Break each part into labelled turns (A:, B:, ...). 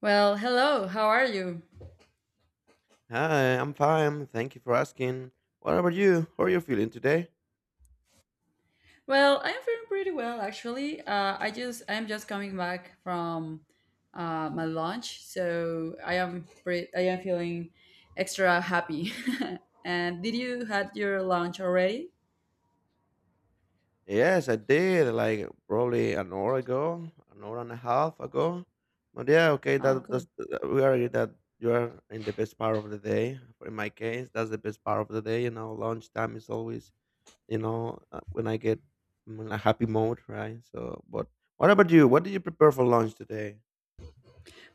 A: Well, hello. How are you?
B: Hi, I'm fine. Thank you for asking. What about you? How are you feeling today?
A: Well, I'm feeling pretty well actually. I'm just coming back from my lunch, so I am I am feeling extra happy. And did you had your lunch already?
B: Yes, I did. Like probably an hour ago, an hour and a half ago. But yeah, okay.
A: Oh,
B: That
A: cool.
B: that's we agree that you are in the best part of the day. In my case, that's the best part of the day. You know, lunchtime is always when I get I'm in a happy mode, right? So, but what about you? What did you prepare for lunch today?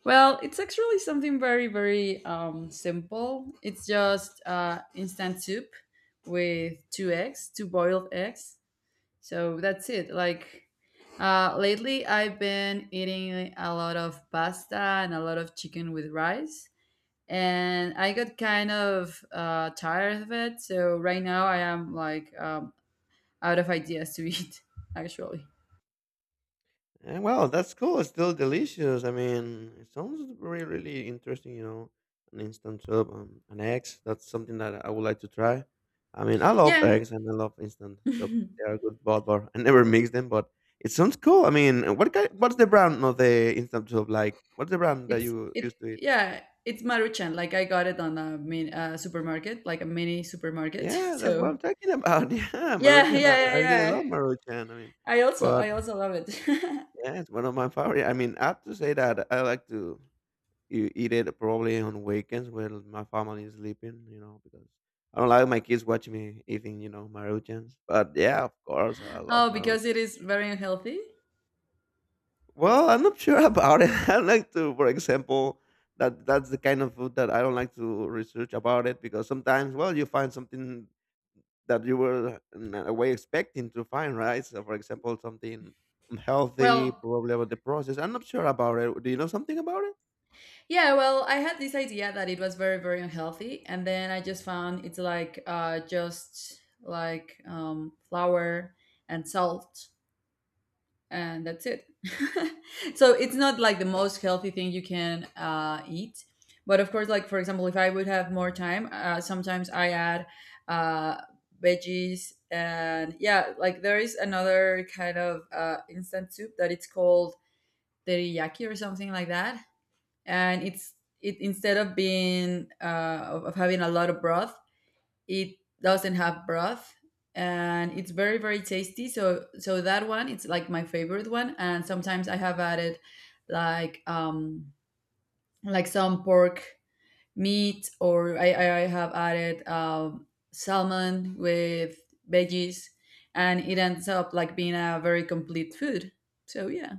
A: Well, it's actually something very very simple. It's just instant soup with two eggs, two boiled eggs. So that's it. Like lately, I've been eating a lot of pasta and a lot of chicken with rice, and I got kind of tired of it. So right now, I am like out of ideas to eat. Actually,
B: Well, that's cool. It's still delicious. I mean, it sounds really, really interesting. You know, an instant soup, an eggs. That's something that I would like to try. I mean, I love
A: yeah,
B: eggs and I love instant soup.
A: it's
B: They are good, but I never mix them. But it sounds cool. I mean, what's the brand of the instant soup like? What's the brand that you
A: it
B: used to eat?
A: yeah. It's Maruchan, like I got it on a mini supermarket, like a mini supermarket.
B: Yeah, that's what
A: So
B: I'm talking about. Yeah,
A: yeah,
B: Maruchan. I,
A: yeah, yeah,
B: I really
A: yeah.
B: love Maruchan. I mean, but
A: I also love it.
B: yeah, it's one of my favorite. I mean, I have to say that I like to. You eat it probably on weekends when my family is sleeping, you know, because I don't like my kids watching me eating, you know, Maruchans. But yeah, of course, I love
A: Oh,
B: Maruchan.
A: because it is very unhealthy.
B: Well, I'm not sure about it. I like to, for example, that's the kind of food that I don't like to research about it because sometimes, well, you find something that you were in a way expecting to find, right? So, for example, something unhealthy,
A: Well,
B: probably about the process. I'm not sure about it. Do you know something about it?
A: yeah, well, I had this idea that it was very, very unhealthy, and then I just found it's like just like flour and salt, and that's it. So it's not like the most healthy thing you can eat. But of course, like for example, if I would have more time, sometimes I add uh, veggies, and yeah, like there is another kind of instant soup that it's called teriyaki or something like that, and it's it instead of being, of having a lot of broth, it doesn't have broth, and it's very very tasty. So that one it's like my favorite one, and sometimes I have added like um like some pork meat, or I have added salmon with veggies, and it ends up like being a very complete food. So yeah,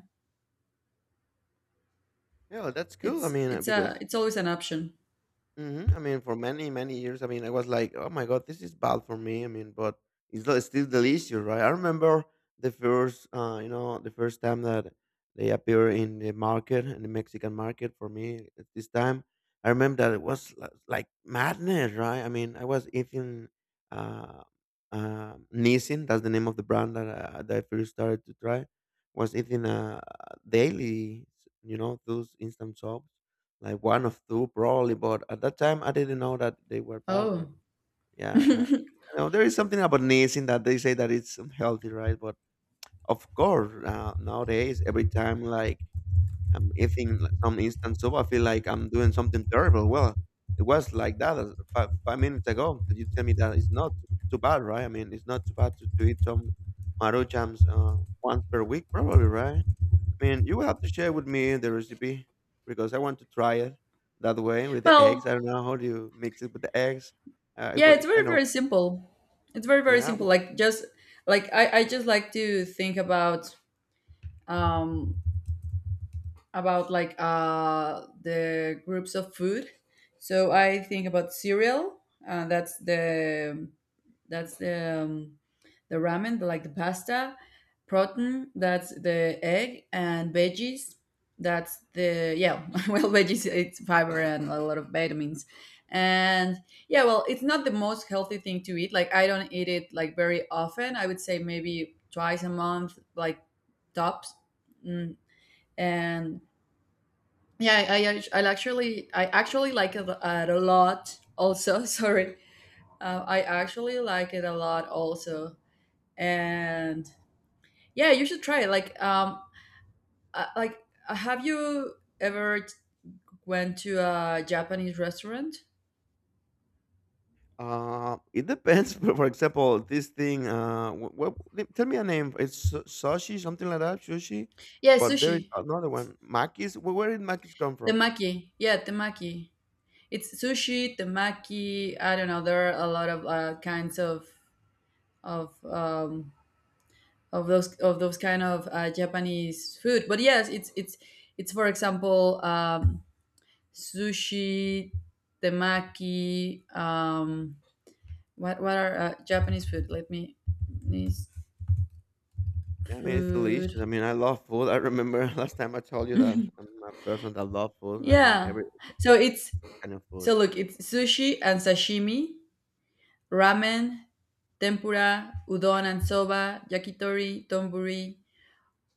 B: Yeah, that's cool. I
A: it's
B: mean,
A: it's a
B: because
A: it's always an option.
B: Mhm. I mean, for many, many years, I mean, I was like, oh my God, this is bad for me. I mean, but it's still delicious, right? I remember the first, you know, the first time that they appear in the market, in the Mexican market for me at this time. I remember that it was like madness, right? I mean, I was eating uh, Nissin, that's the name of the brand that, that I first started to try, was eating daily, you know, those instant soaps like 1 of 2 probably, but at that time, I didn't know that they were bad, right?
A: Oh.
B: yeah, and, uh, you know, there is something about sneezing that they say that it's unhealthy, right? But of course, nowadays, every time, like, I'm eating like some instant soup, I feel like I'm doing something terrible. Well, it was like that as five 5 minutes ago, that you tell me that it's not too bad, right? I mean, it's not too bad to eat some Maruchans, once per week probably, right? I mean, you will have to share with me the recipe because I want to try it that way with the eggs. I
A: Well,
B: don't know how do you mix it with the eggs. It,
A: yeah.
B: wa-
A: it's
B: it's
A: very,
B: kind of
A: very simple. It's very, very
B: yeah.
A: simple.
B: w-
A: Like I just like to think about um the groups of food. So I think about cereal. Uh, that's the that's the ramen, like the pasta, protein. That's the egg and veggies. That's the Yeah. Well, veggies it's fiber and a lot of vitamins. And yeah, well, it's not the most healthy thing to eat. Like I don't eat it like very often. I would say maybe twice a month, like tops. Mm, and yeah, I actually like it a lot. Also, sorry. I actually like it a lot also, and yeah, you should try it have you ever went to a Japanese restaurant?
B: It depends. But for example, this thing. Tell me a name. It's sushi, something like that. Sushi.
A: Yeah,
B: But there is
A: sushi
B: another one. Makis. Where did makis come from?
A: temaki. Yeah, temaki, it's sushi temaki. I don't know, there are a lot of kinds of of um those kind of Japanese food, but yes it's for example sushi temaki. What are Japanese food? Let me Japanese
B: Yeah, I mean, it's
A: food.
B: delicious. I mean, I love food. I remember last time I told you that I'm a person that love food. I mean,
A: Yeah.
B: every
A: So it's,
B: kind of food.
A: so look, it's sushi and sashimi, ramen, tempura, udon and soba, yakitori, donburi,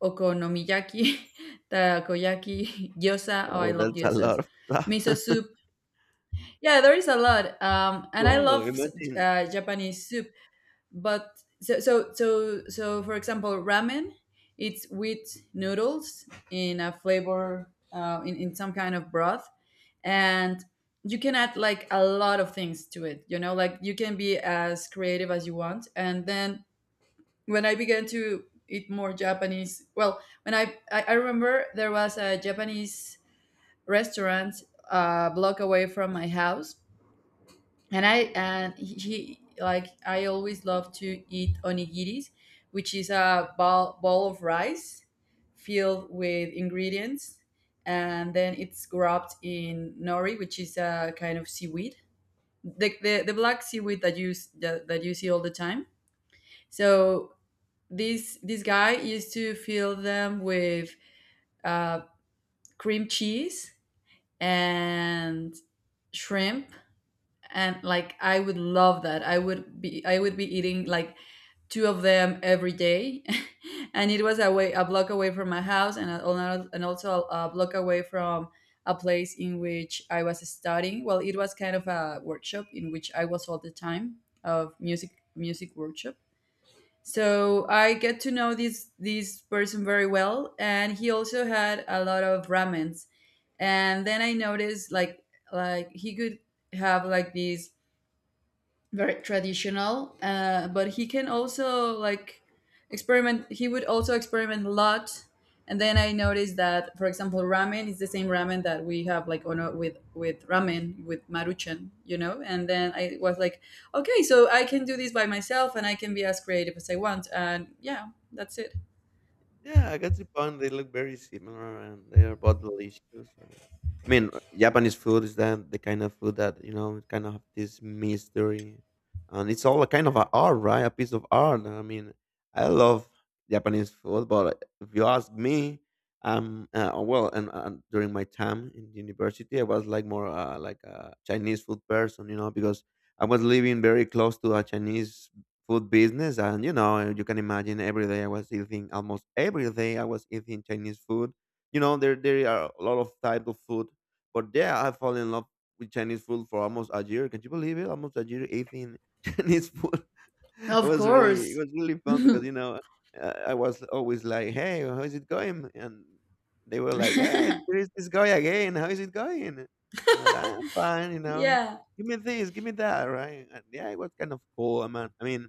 A: okonomiyaki, takoyaki, gyoza. Oh, I
B: Oh,
A: love
B: that's a
A: gyozas.
B: lot of stuff.
A: Miso soup. Yeah, there is a lot. And I
B: Wow,
A: love
B: imagine.
A: Japanese soup. But so for example ramen, it's with noodles in a flavor, in some kind of broth, and you can add like a lot of things to it, you know, like you can be as creative as you want. And then when I began to eat more Japanese, well, when I remember there was a Japanese restaurant a block away from my house, and I and he like I always love to eat onigiris, which is a ball of rice filled with ingredients, and then it's wrapped in nori, which is a kind of seaweed, the the black seaweed that you that you see all the time. So this guy used to fill them with uh, cream cheese and shrimp, and like I would love that. I would be, I would be eating like two of them every day. And it was away a block away from my house, and, and also a block away from a place in which I was studying, well, it was kind of a workshop in which I was all the time, of music workshop. So I get to know this person very well, and he also had a lot of ramens. And then I noticed like he could have like these very traditional, but he can also like experiment. He would also experiment a lot. And then I noticed that for example ramen is the same ramen that we have like on a, with ramen with Maruchan, you know. And then I was like, okay, so I can do this by myself and I can be as creative as I want. And yeah, that's it.
B: Yeah, I got Japan, they look very similar and they are both delicious. I mean, Japanese food is that the kind of food that, you know, it kind of have this mystery. And it's all a kind of a art, right? A piece of art. I mean, I love Japanese food, but if you ask me, well, and during my time in university, I was like more like a Chinese food person, you know, because I was living very close to a Chinese food business, and you know, you can imagine every day I was eating, almost every day I was eating Chinese food. You know, there are a lot of type of food, but yeah, I fall in love with Chinese food for almost a year. Can you believe it? Almost a year eating Chinese food. It
A: Of
B: was really, it
A: course.
B: was really fun because, you know, I was always like, "Hey, how is it going?" And they were like, "Hey, there is this guy again. How is it going?" And I'm like, "I'm fine, you know,
A: Yeah.
B: give me this, give me that," right? And yeah, it was kind of cool. I mean,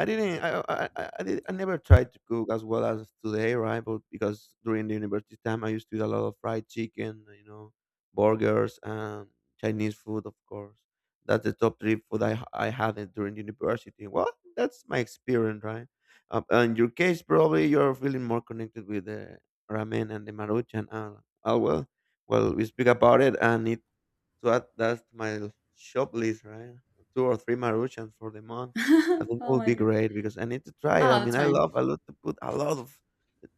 B: I didn't. I never tried to cook as well as today, right? But because during the university time, I used to eat a lot of fried chicken, you know, burgers and Chinese food, of course. That's the top three food I I had it during university. Well, that's my experience, right? In your case, probably you're feeling more connected with the ramen and the maruchan. We speak about it, and it so that, that's my shop list, right? Two or three Maruchans for the month. I think that
A: Oh
B: would
A: my
B: be
A: God.
B: great because I need to try it.
A: Oh, that's fine.
B: I love to put a lot of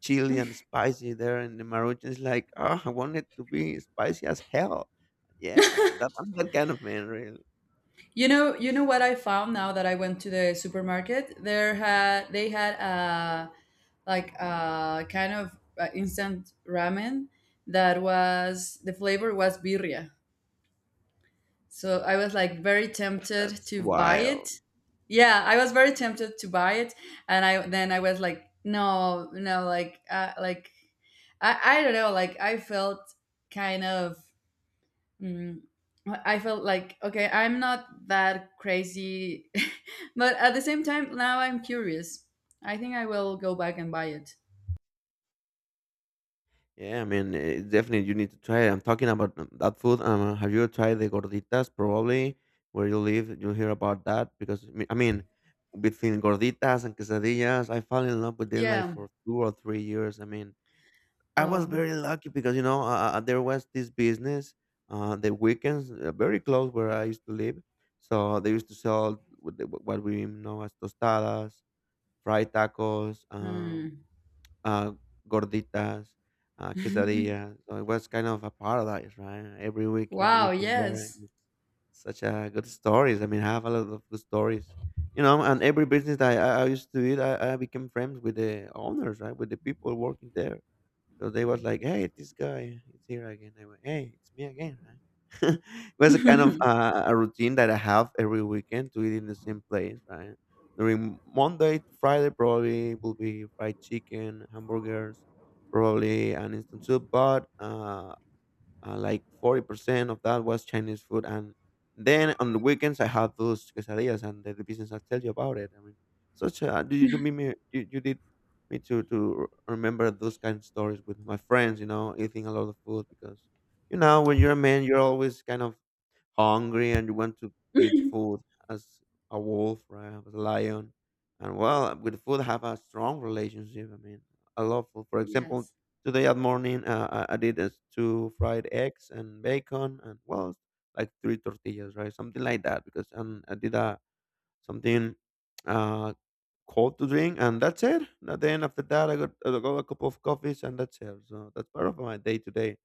B: chili and spicy there, and the Maruchan is like, oh, I want it to be spicy as hell. Yeah, that, I'm that kind of man, really.
A: You know what I found now that I went to the supermarket. There had they had a, like a kind of instant ramen that was the flavor was birria. So I was like very tempted
B: That's
A: to buy it.
B: wild.
A: Yeah, I was very tempted to buy it, and I then I was like, no, no, like, I don't know, like I felt kind of Mm, I felt like, okay, I'm not that crazy, but at the same time, now I'm curious. I think I will go back and buy it.
B: Yeah, I mean, definitely you need to try it. I'm talking about that food. Have you tried the gorditas? Probably where you live, you'll hear about that because I mean, between gorditas and quesadillas, I fell in love with them like
A: Yeah.
B: for 2 or 3 years. I mean, I was
A: Wow.
B: very lucky because, you know, there was this business, the weekends, very close where I used to live, so they used to sell with what we know as tostadas, fried tacos,
A: Mm.
B: uh, gorditas, quesadillas. So it was kind of a paradise, right? Every weekend
A: Wow.
B: eating there. And
A: Yes.
B: it's such a good stories. I mean, I have a lot of good stories, you know. And every business that I used to eat, I became friends with the owners, right? With the people working there, because they was like, "Hey, this guy, is here again." I went, "Hey, it's me again," right? It was a kind of a routine that I have every weekend to eat in the same place, right? During Monday to Friday, probably will be fried chicken, hamburgers, probably an instant soup. But like 40% of that was Chinese food, and then on the weekends I had those quesadillas and the business I tell you about it. I mean, such a you, you made me you, you did me to remember those kind of stories with my friends. You know, eating a lot of food because you know when you're a man, you're always kind of hungry and you want to eat food as a wolf, right? As a lion. And well, with food, have a strong relationship. I mean, I love food. For example,
A: Yes.
B: today at morning, I did two fried eggs and bacon, and well, like three tortillas, right? Something like that. Because and I did something uh, cold to drink, and that's it. And then after that, I got a cup of coffees, and that's it. So that's part of my day today.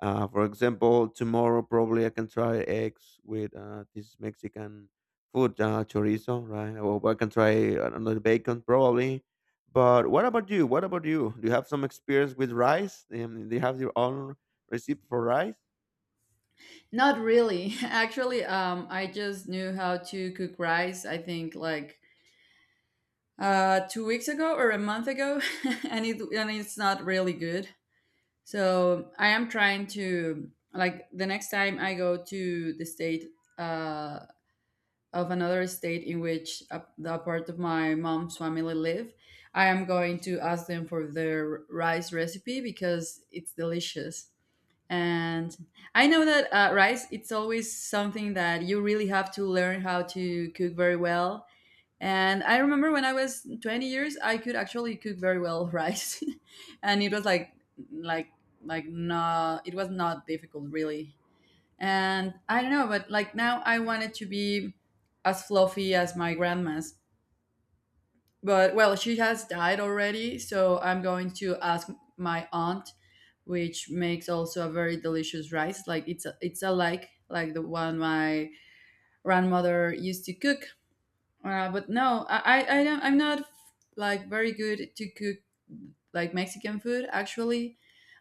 B: For example, tomorrow probably I can try eggs with this Mexican food, chorizo, right? Or I can try another bacon probably. But what about you? What about you? Do you have some experience with rice? Do you have your own recipe for rice?
A: Not really. Actually, I just knew how to cook rice. I think like 2 weeks ago or a month ago, and it's not really good. So I am trying to, like, the next time I go to the state uh, of another state in which the part of my mom's family live, I am going to ask them for their rice recipe because it's delicious. And I know that rice it's always something that you really have to learn how to cook very well. And I remember when I was 20 years, I could actually cook very well rice, and it was like no, it was not difficult really. And I don't know, but like now I wanted to be as fluffy as my grandma's. But well, she has died already, so I'm going to ask my aunt, which makes also a very delicious rice. Like it's a, it's a, like the one my grandmother used to cook. But no, I don't. I'm not like very good to cook like Mexican food. Actually,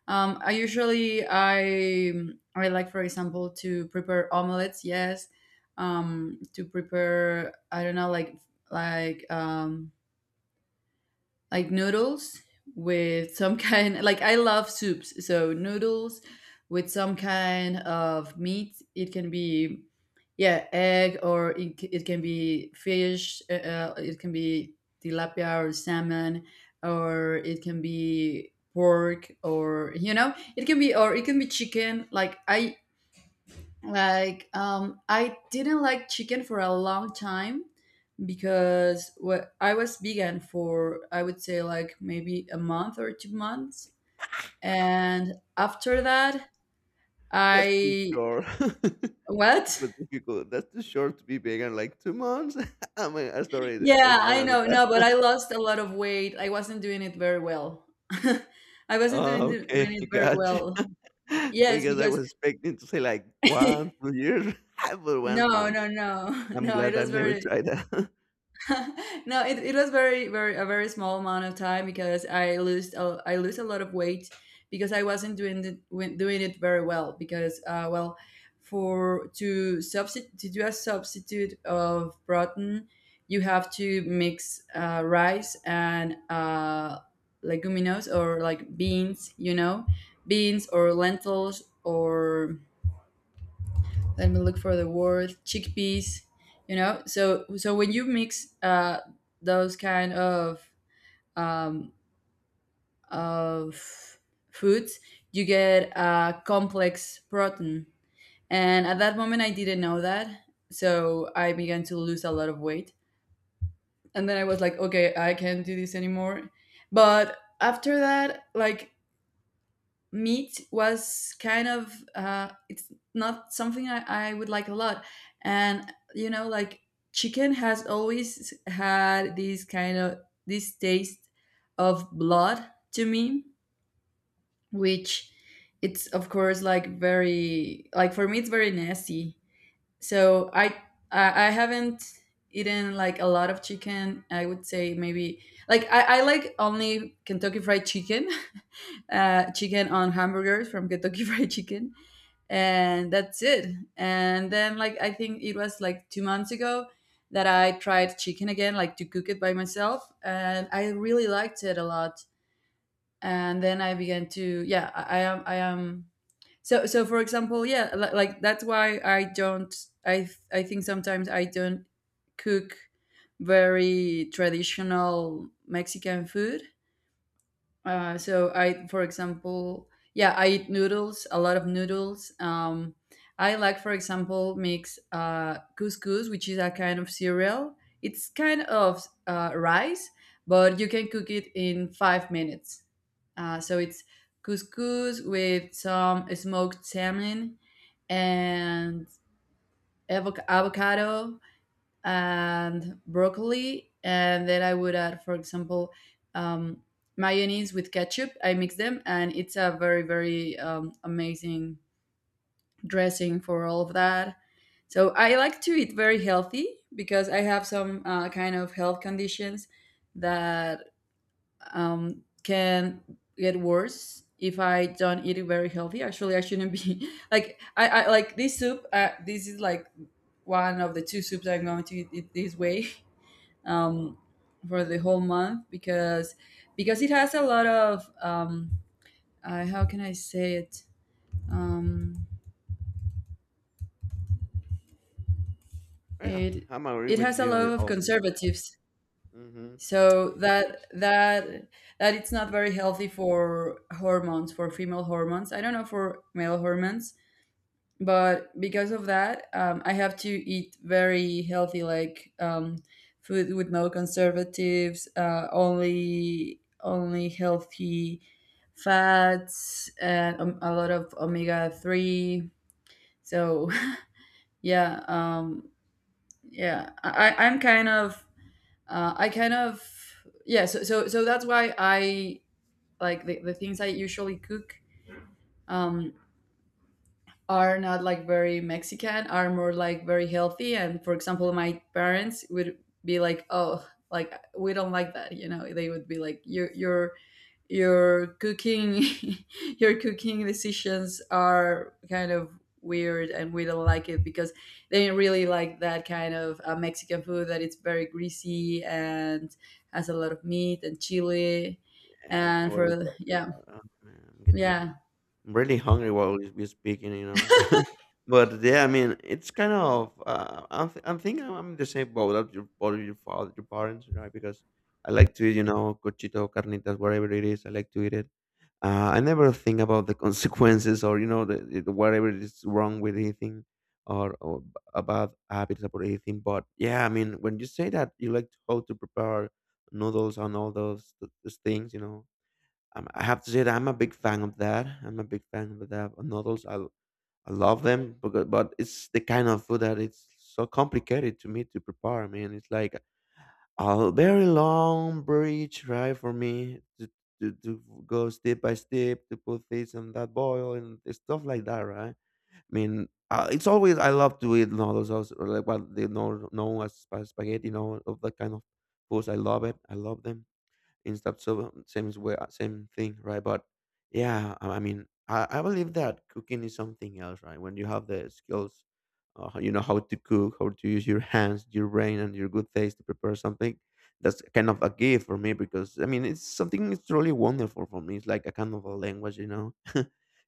A: um, I usually I I like for example to prepare omelets. Yes, to prepare I don't know like like um like noodles with some kind, like I love soups, so noodles with some kind of meat. It can be, yeah, egg, or it can be fish, it can be tilapia or salmon, or it can be pork, or you know, it can be, or it can be chicken. Like I didn't like chicken for a long time because what I was vegan for I would say like maybe a month or 2 months, and after that
B: That's too
A: I
B: short,
A: what?
B: but difficult. That's too short to be vegan. Like 2 months. I mean, I'm sorry, I
A: Yeah,
B: smile
A: I know. No,
B: about
A: but I lost a lot of weight. I wasn't doing it very well. I wasn't doing,
B: Oh, okay,
A: doing it very
B: gotcha.
A: well. Yes,
B: Because I
A: because
B: was expecting to say like 1, 2 years, but 1
A: no,
B: month.
A: no, no.
B: I'm
A: No, it
B: glad I've
A: was
B: never
A: very,
B: tried that.
A: no, it was very very a very small amount of time because I lose a lot of weight because I wasn't doing the, doing it very well because, well, for to substitute, to do a substitute of protein you have to mix rice and, leguminous or like beans, you know, beans or lentils, or let me look for the word, chickpeas, you know. So so when you mix those kind of um of foods, you get a complex protein. And at that moment I didn't know that, so I began to lose a lot of weight. And then I was like, okay, I can't do this anymore. But after that, like, meat was kind of it's not something I would like a lot. And you know, like, chicken has always had this kind of this taste of blood to me, which it's of course like very like for me it's very nasty. So I haven't eaten like a lot of chicken. I would say maybe like I like only Kentucky Fried Chicken, chicken on hamburgers from Kentucky Fried Chicken, and that's it. And then, like, I think it was like 2 months ago that I tried chicken again, like to cook it by myself, and I really liked it a lot. And then I began to, yeah, I am. So, for example, yeah, like that's why I don't. I think sometimes I don't cook very traditional Mexican food, so I, for example, yeah, I eat noodles, a lot of noodles. I like, for example, mix couscous, which is a kind of cereal. It's kind of rice, but you can cook it in 5 minutes. So it's couscous with some smoked salmon and avocado and broccoli, and then I would add, for example, um, mayonnaise with ketchup. I mix them, and it's a very very amazing dressing for all of that. So I like to eat very healthy because I have some kind of health conditions that can get worse if I don't eat it very healthy. Actually, I shouldn't be. Like I like this soup. This is like one of the two soups I'm going to eat it this way. um, for the whole month because it has a lot of how can I say it, um,
B: Well,
A: it
B: I'm agree
A: it
B: with
A: has a
B: you
A: lot
B: with
A: of
B: all that.
A: conservatives,
B: Mhm.
A: so that it's not very healthy for hormones, for female hormones. I don't know for male hormones, but because of that, I have to eat very healthy, like food with no conservatives, only healthy fats and a lot of omega-3. So yeah, yeah, I'm kind of I kind of, yeah, so that's why I like the things I usually cook, um, are not like very Mexican, are more like very healthy. And for example, my parents would be like, "Oh, like we don't like that," you know. They would be like, "Your your cooking, your cooking decisions are kind of weird, and we don't like it," because they really like that kind of Mexican food that it's very greasy and has a lot of meat and chili.
B: And I
A: And
B: already
A: for,
B: talked
A: yeah,
B: about, oh man, I'm getting
A: yeah.
B: I'm really hungry while we're speaking, you know. But yeah, I mean, it's kind of I'm thinking I'm in the same boat as your both of your father, your parents, right? Because I like to eat, you know, cochito, carnitas, whatever it is. I like to eat it. I never think about the consequences or you know the whatever is wrong with eating or, or b- about habits about eating. But yeah, I mean, when you say that you like to how to prepare noodles and all those things, I have to say that I'm a big fan of that. I'm a big fan of that. Of noodles, I love them, but it's the kind of food that it's so complicated to me to prepare. I mean, it's like a very long bridge, right, for me to go step by step to put this and that boil and stuff like that, right? I mean, it's always I love to eat noodles, also, or like what they know known as spaghetti, you know, of that kind of foods. I love it. I love them. Instant so well, same way same thing, right? But yeah, I mean, I believe that cooking is something else, right? When you have the skills, you know how to cook, how to use your hands, your brain, and your good taste to prepare something. That's kind of a gift for me because I mean it's something it's really wonderful for me. It's like a kind of a language, you know.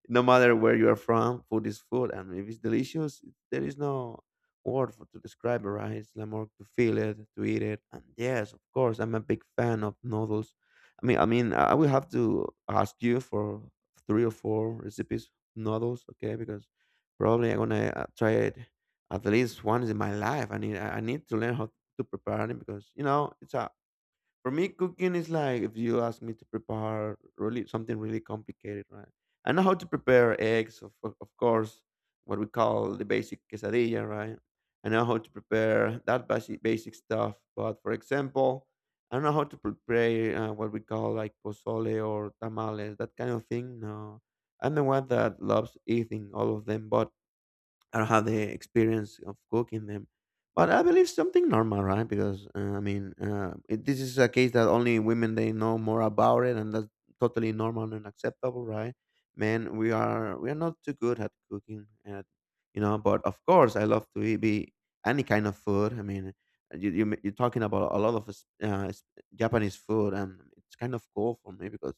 B: No matter where you are from, food is food, and if it's delicious, there is no word for, to describe it. Right? It's like more to feel it, to eat it, and yes, of course, I'm a big fan of noodles. I mean, I will have to ask you for three or four recipes noodles, okay? Because probably I'm gonna try it at least once in my life. I need to learn how to prepare it because you know it's a for me cooking is like if you ask me to prepare really something really complicated, right? I know how to prepare eggs, of course, what we call the basic quesadilla, right? I know how to prepare that basic basic stuff, but for example, I don't know how to prepare what we call like pozole or tamales, that kind of thing. No, I'm the one that loves eating all of them, but I don't have the experience of cooking them, but I believe something normal, right? Because it, this is a case that only women they know more about it, and that's totally normal and acceptable, right? Men, we are not too good at cooking, and you know. But of course, I love to eat be any kind of food. I mean, you're talking about a lot of Japanese food, and it's kind of cool for me because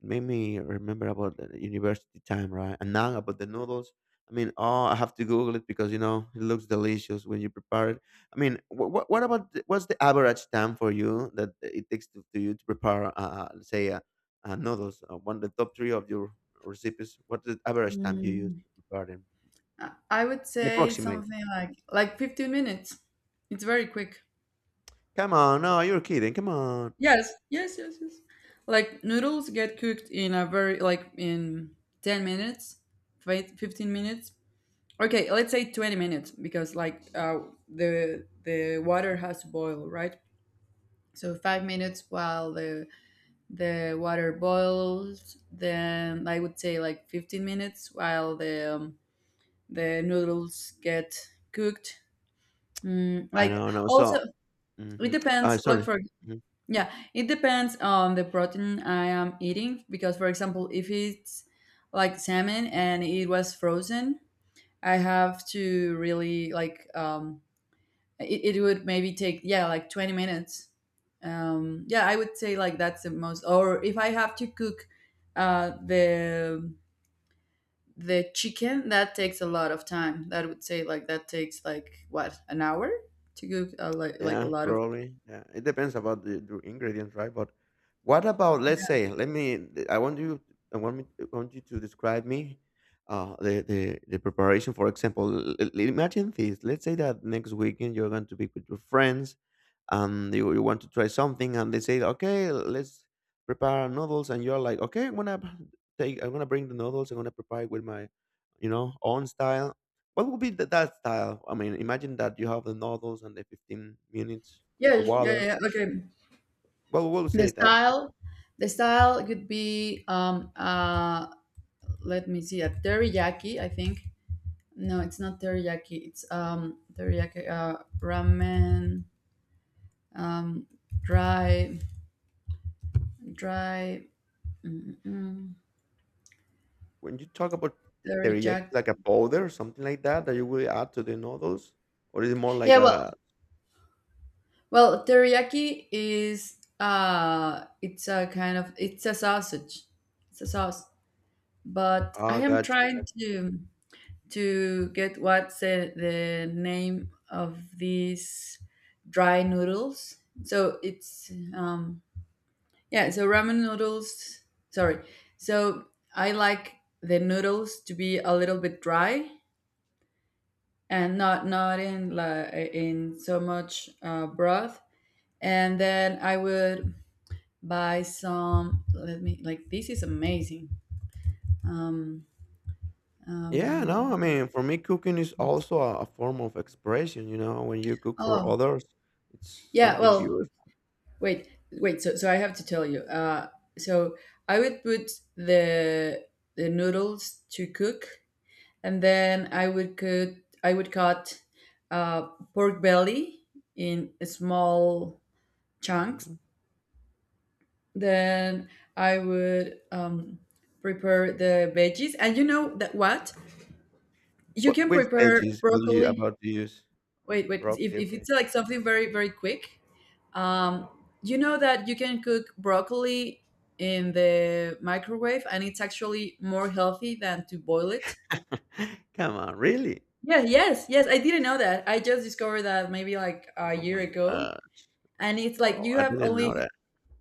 B: it made me remember about the university time, right? And now about the noodles I mean, oh, I have to Google it because you know it looks delicious when you prepare it. I mean, what about the, what's the average time for you that it takes to you to prepare, let's say, noodles? One the top three of your recipes. What's the average time you use
A: Mm.
B: to prepare them?
A: I would say
B: Approximate.
A: something like 15 minutes. It's very quick.
B: Come on, no, you're kidding. Come on.
A: Yes, yes, yes, yes. Like noodles get cooked in a very like in 10 minutes, wait, 15 minutes. Okay, let's say 20 minutes because like the water has to boil, right? So 5 minutes while the water boils, then I would say like 15 minutes while the noodles get cooked. Mm,
B: I
A: like
B: know, no.
A: also.
B: So,
A: It
B: hmm
A: depends. Like
B: sorry.
A: for, yeah, it depends on the protein I am eating because, for example, if it's like salmon and it was frozen, I have to really like, it would maybe take, yeah, like 20 minutes. Yeah, I would say like that's the most. Or if I have to cook uh, the the chicken, that takes a lot of time. That would say like that takes like, what, an hour to cook like a
B: Yeah,
A: lot of.
B: probably. Yeah, it depends about the ingredients, right? But what about let's say, let me. I want you. I want me. I want you to describe me. The preparation. For example, imagine this. Let's say that next weekend you're going to be with your friends and you want to try something and they say okay let's prepare noodles and you're like okay I'm gonna take I'm gonna bring the noodles I'm gonna prepare it with my you know own style, what would be the, that style, I mean imagine that you have the noodles and the 15 minutes
A: Yeah,
B: on the
A: yeah, yeah,
B: water
A: yeah, okay.
B: well we'll
A: The
B: say that
A: style, the style could be um, uh, let me see, a teriyaki, I think. No, it's not teriyaki, it's um, teriyaki uh, ramen, um, dry, dry. Mm, mm,
B: when you talk about the- teriyaki
A: teriyaki.
B: it's like a powder or something like that that you will add to the noodles or is it more like
A: Yeah, well,
B: a
A: well, teriyaki is uh, it's a kind of, it's a sausage, it's a sauce, but I
B: ah
A: am
B: gotcha.
A: trying to get what's the name of these dry noodles. So it's yeah. So ramen noodles. Sorry. So I like the noodles to be a little bit dry and not in la, in so much broth. And then I would buy some. Let me, like, this is amazing. Um,
B: Yeah, no, I
A: um,
B: mean, for me, cooking is also a form of expression. You know, when you cook for
A: oh
B: others, it's
A: yeah.
B: something
A: Well,
B: beautiful.
A: wait, wait. So, so I have to tell you. So I would put the noodles to cook, and then I would cut, I would cut uh, pork belly in small chunks.
B: Hmm.
A: Then I would prepare the veggies, and you know that what you
B: What
A: can
B: which
A: prepare
B: veggies will you
A: broccoli.
B: about to use?
A: Wait, wait.
B: Broccoli,
A: If
B: okay.
A: it's like something very very quick, Um, you know that you can cook broccoli in the microwave and it's actually more healthy than to boil it.
B: Come on, really?
A: Yeah, yes, yes. I didn't know that. I just discovered that maybe like a
B: Oh
A: year
B: my
A: ago.
B: god!
A: And it's like
B: Wow,
A: you
B: I
A: have
B: didn't
A: only,
B: know that.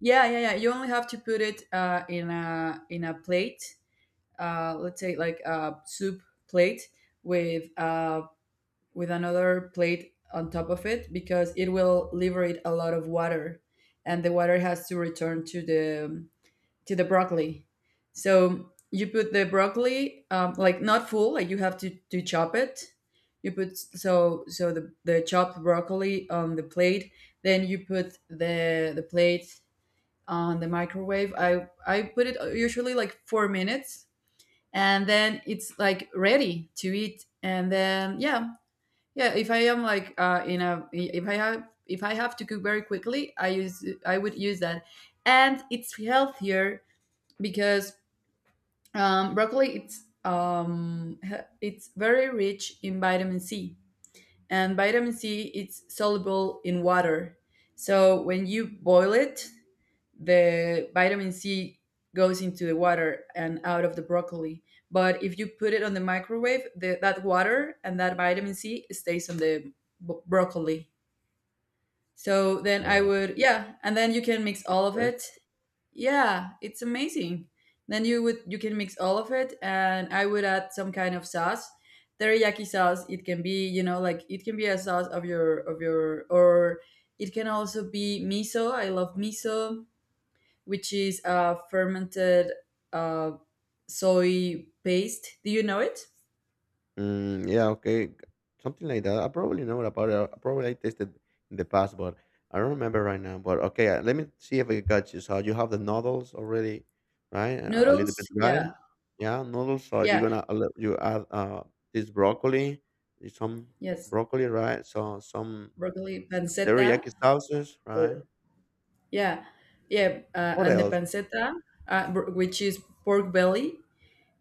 A: yeah, yeah, yeah. You only have to put it in a plate. Let's say like a soup plate with uh, with another plate on top of it because it will liberate a lot of water, and the water has to return to the broccoli. So you put the broccoli, like not full, like you have to chop it. You put, so so the chopped broccoli on the plate. Then you put the plate on the microwave. I put it usually like 4 minutes, and then it's like ready to eat. And then, yeah, yeah. If I am like in a if I have, if I have to cook very quickly, I would use that, and it's healthier because broccoli it's it's very rich in vitamin C, and vitamin C it's soluble in water. So when you boil it, the vitamin C goes into the water and out of the broccoli. But if you put it on the microwave, that water and that vitamin C stays on the broccoli. So then I
B: Oh,
A: would, yeah, and then you can mix all of
B: that's
A: it. Yeah, it's amazing. Then you would, you can mix all of it, and I would add some kind of sauce, teriyaki sauce. It can be, you know, like it can be a sauce of your, or it can also be miso. I love miso, which is a fermented uh, soy paste. Do you know it?
B: Mm, yeah, okay, g- something like that. I probably know about it. I probably I tasted in the past, but I don't remember right now. But okay, let me see if I got you. So you have the noodles already, right? A little
A: Noodles.
B: bit
A: Yeah,
B: dry. Yeah, noodles. So you're
A: yeah,
B: gonna a you add this broccoli, eh, some
A: yes.
B: broccoli, right? So some
A: Broccoli pancetta.
B: teriyaki sauces, right?
A: Or, yeah, yeah,
B: What
A: and the
B: else?
A: pancetta, which is pork belly,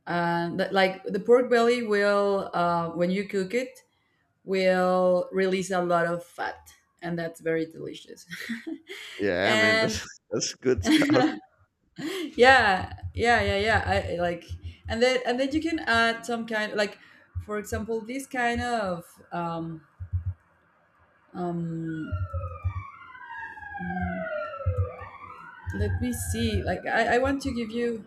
A: and that, like the pork belly will, when you cook it, will release a lot of fat and that's very delicious.
B: Yeah, I mean
A: And
B: that's that's good stuff.
A: yeah yeah yeah yeah I like, and then, and then you can add some kind, like, for example, this kind of um, um, let me see, like, I want to give you.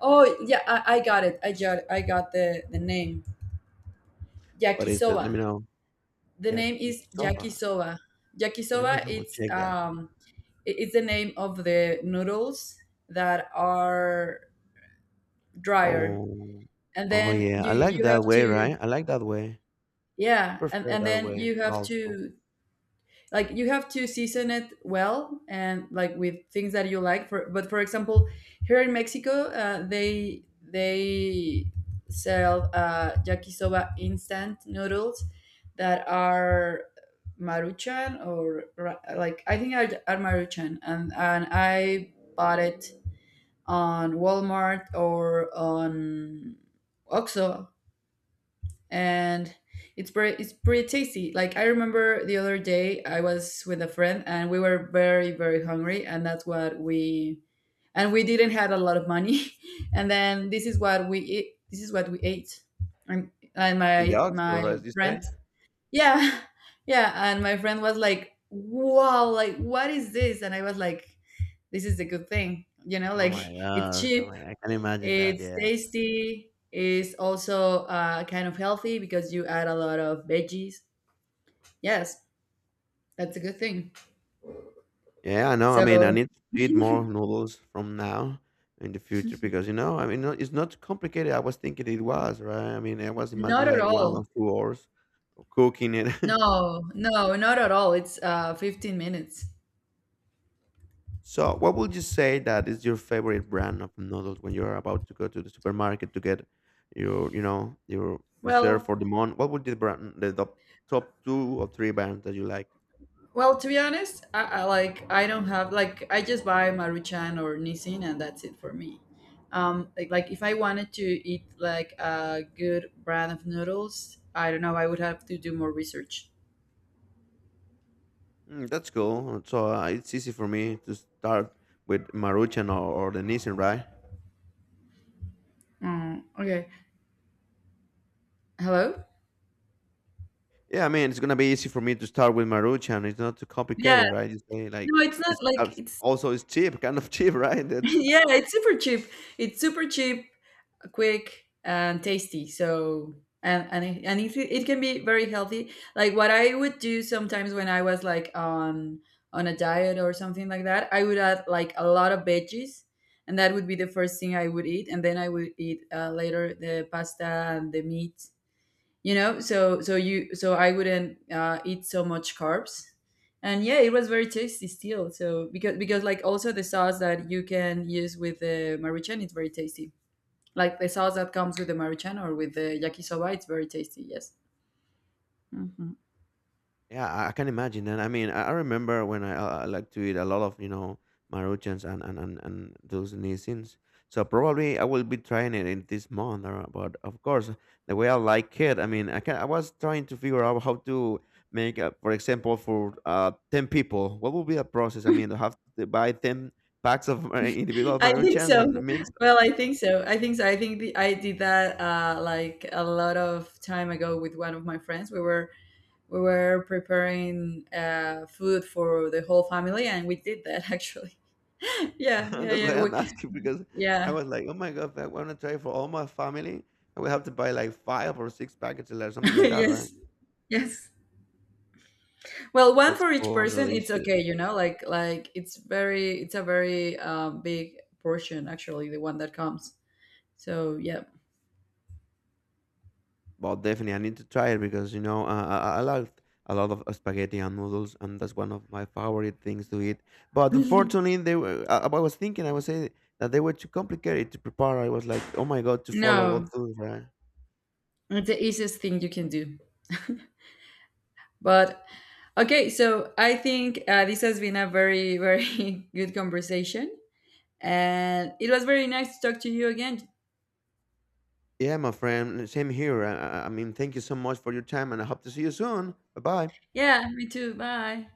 A: Oh yeah, I got, I got the name,
B: What is it? Let me
A: yakisoba.
B: know.
A: The name is
B: Yakisoba.
A: yakisoba.
B: Let me
A: Yakisoba,
B: double
A: it's
B: check that.
A: um, it's the name of the noodles that are drier.
B: Oh.
A: And
B: Oh,
A: then
B: yeah.
A: you
B: I like
A: you have
B: that way,
A: to,
B: right? I like that way. I
A: yeah,
B: prefer
A: and
B: that
A: then
B: way
A: you have
B: also.
A: to, like, you have to season it well and like with things that you like for, but for example here in Mexico they sell yakisoba instant noodles that are Maruchan, or like I think are Maruchan, and I bought it on Walmart or on Oxxo, and it's pretty, it's pretty tasty. Like I remember the other day I was with a friend and we were very very hungry, and that's what we, and we didn't had a lot of money, and then this is what we eat, this is what we ate. And
B: In the Oxford,
A: my
B: right, you
A: friend,
B: say?
A: yeah, yeah, and my friend was like, "Wow, like what is this?" And I was like, "This is a good thing, you know,"
B: Oh
A: like
B: my
A: it's
B: gosh. Oh
A: cheap,
B: my, I can imagine that,
A: it's
B: yeah.
A: tasty. It's also kind of healthy because you add a lot of veggies. Yes, that's a good thing.
B: Yeah, I know. I mean, I
A: So,
B: need to eat more noodles from now in the future because, you know, I mean, it's not complicated. I was thinking it was, right? I mean, I was
A: not
B: imagining
A: at
B: like one or
A: all.
B: two hours of cooking it.
A: No, no, not at all. It's 15 minutes.
B: So, what would you say that is your favorite brand of noodles when you're about to go to the supermarket to get your, you know, your reserve
A: Well,
B: for the month? What would the brand, the top two or three brands that you like?
A: well, to be honest, I like, I don't have like, I just buy Maruchan or Nissin and that's it for me. Like if I wanted to eat like a good brand of noodles, I don't know. I would have to do more research.
B: Mm, that's cool. So it's easy for me to start with Maruchan or the Nissan, right?
A: Mm, okay. Hello.
B: Yeah, I mean it's gonna be easy for me to start with Maruchan. It's not too
A: Yeah,
B: complicated, right? You say like
A: no, it's not
B: it's
A: like it's
B: also it's cheap, kind of cheap, right? That
A: yeah, it's super cheap. It's super cheap, quick, and tasty. So, and it, it can be very healthy. Like what I would do sometimes when I was like on a diet or something like that, I would add like a lot of veggies, and that would be the first thing I would eat, and then I would eat later the pasta and the meat, you know, so, so you, so I wouldn't eat so much carbs, and yeah, it was very tasty still. So because like also the sauce that you can use with the Maruchan it's very tasty, like the sauce that comes with the Maruchan or with the yakisoba it's very tasty. Yes. Hmm.
B: Yeah, I can imagine that. I mean, I remember when I like to eat a lot of, you know, Maruchans and those nisins. So probably I will be trying it in this month. But of course, the way I like it, I mean, I can, I was trying to figure out how to make, for example, for 10 people, what will be the process? I mean, to have to buy 10 packs of individual
A: I think
B: Maruchans
A: so.
B: and mix
A: Well, I think so. I think so. I think the, I did that like a lot of time ago with one of my friends. We were, we were preparing food for the whole family, and we did that actually. Yeah, yeah,
B: that's
A: yeah.
B: why
A: We,
B: I'm asking because I
A: yeah,
B: was like, oh my god, I want to try for all my family. I will have to buy like five or six packets or something like that, right?
A: yes, yes. Well, one
B: That's
A: for each
B: cool, no
A: person. It's okay,
B: issues.
A: you know. Like it's very, it's a very big portion actually. The one that comes. So yeah.
B: Well, definitely, I need to try it because you know I love a lot of spaghetti and noodles, and that's one of my favorite things to eat. But unfortunately, they were. I was thinking, I was saying that they were too complicated to prepare. I was like, oh my god, to follow all
A: No,
B: those, right?
A: it's the easiest thing you can do. But okay, so I think this has been a very, very good conversation, and it was very nice to talk to you again.
B: Yeah, my friend. Same here. I mean, thank you so much for your time, and I hope to see you soon. Bye bye.
A: Yeah, me too. Bye.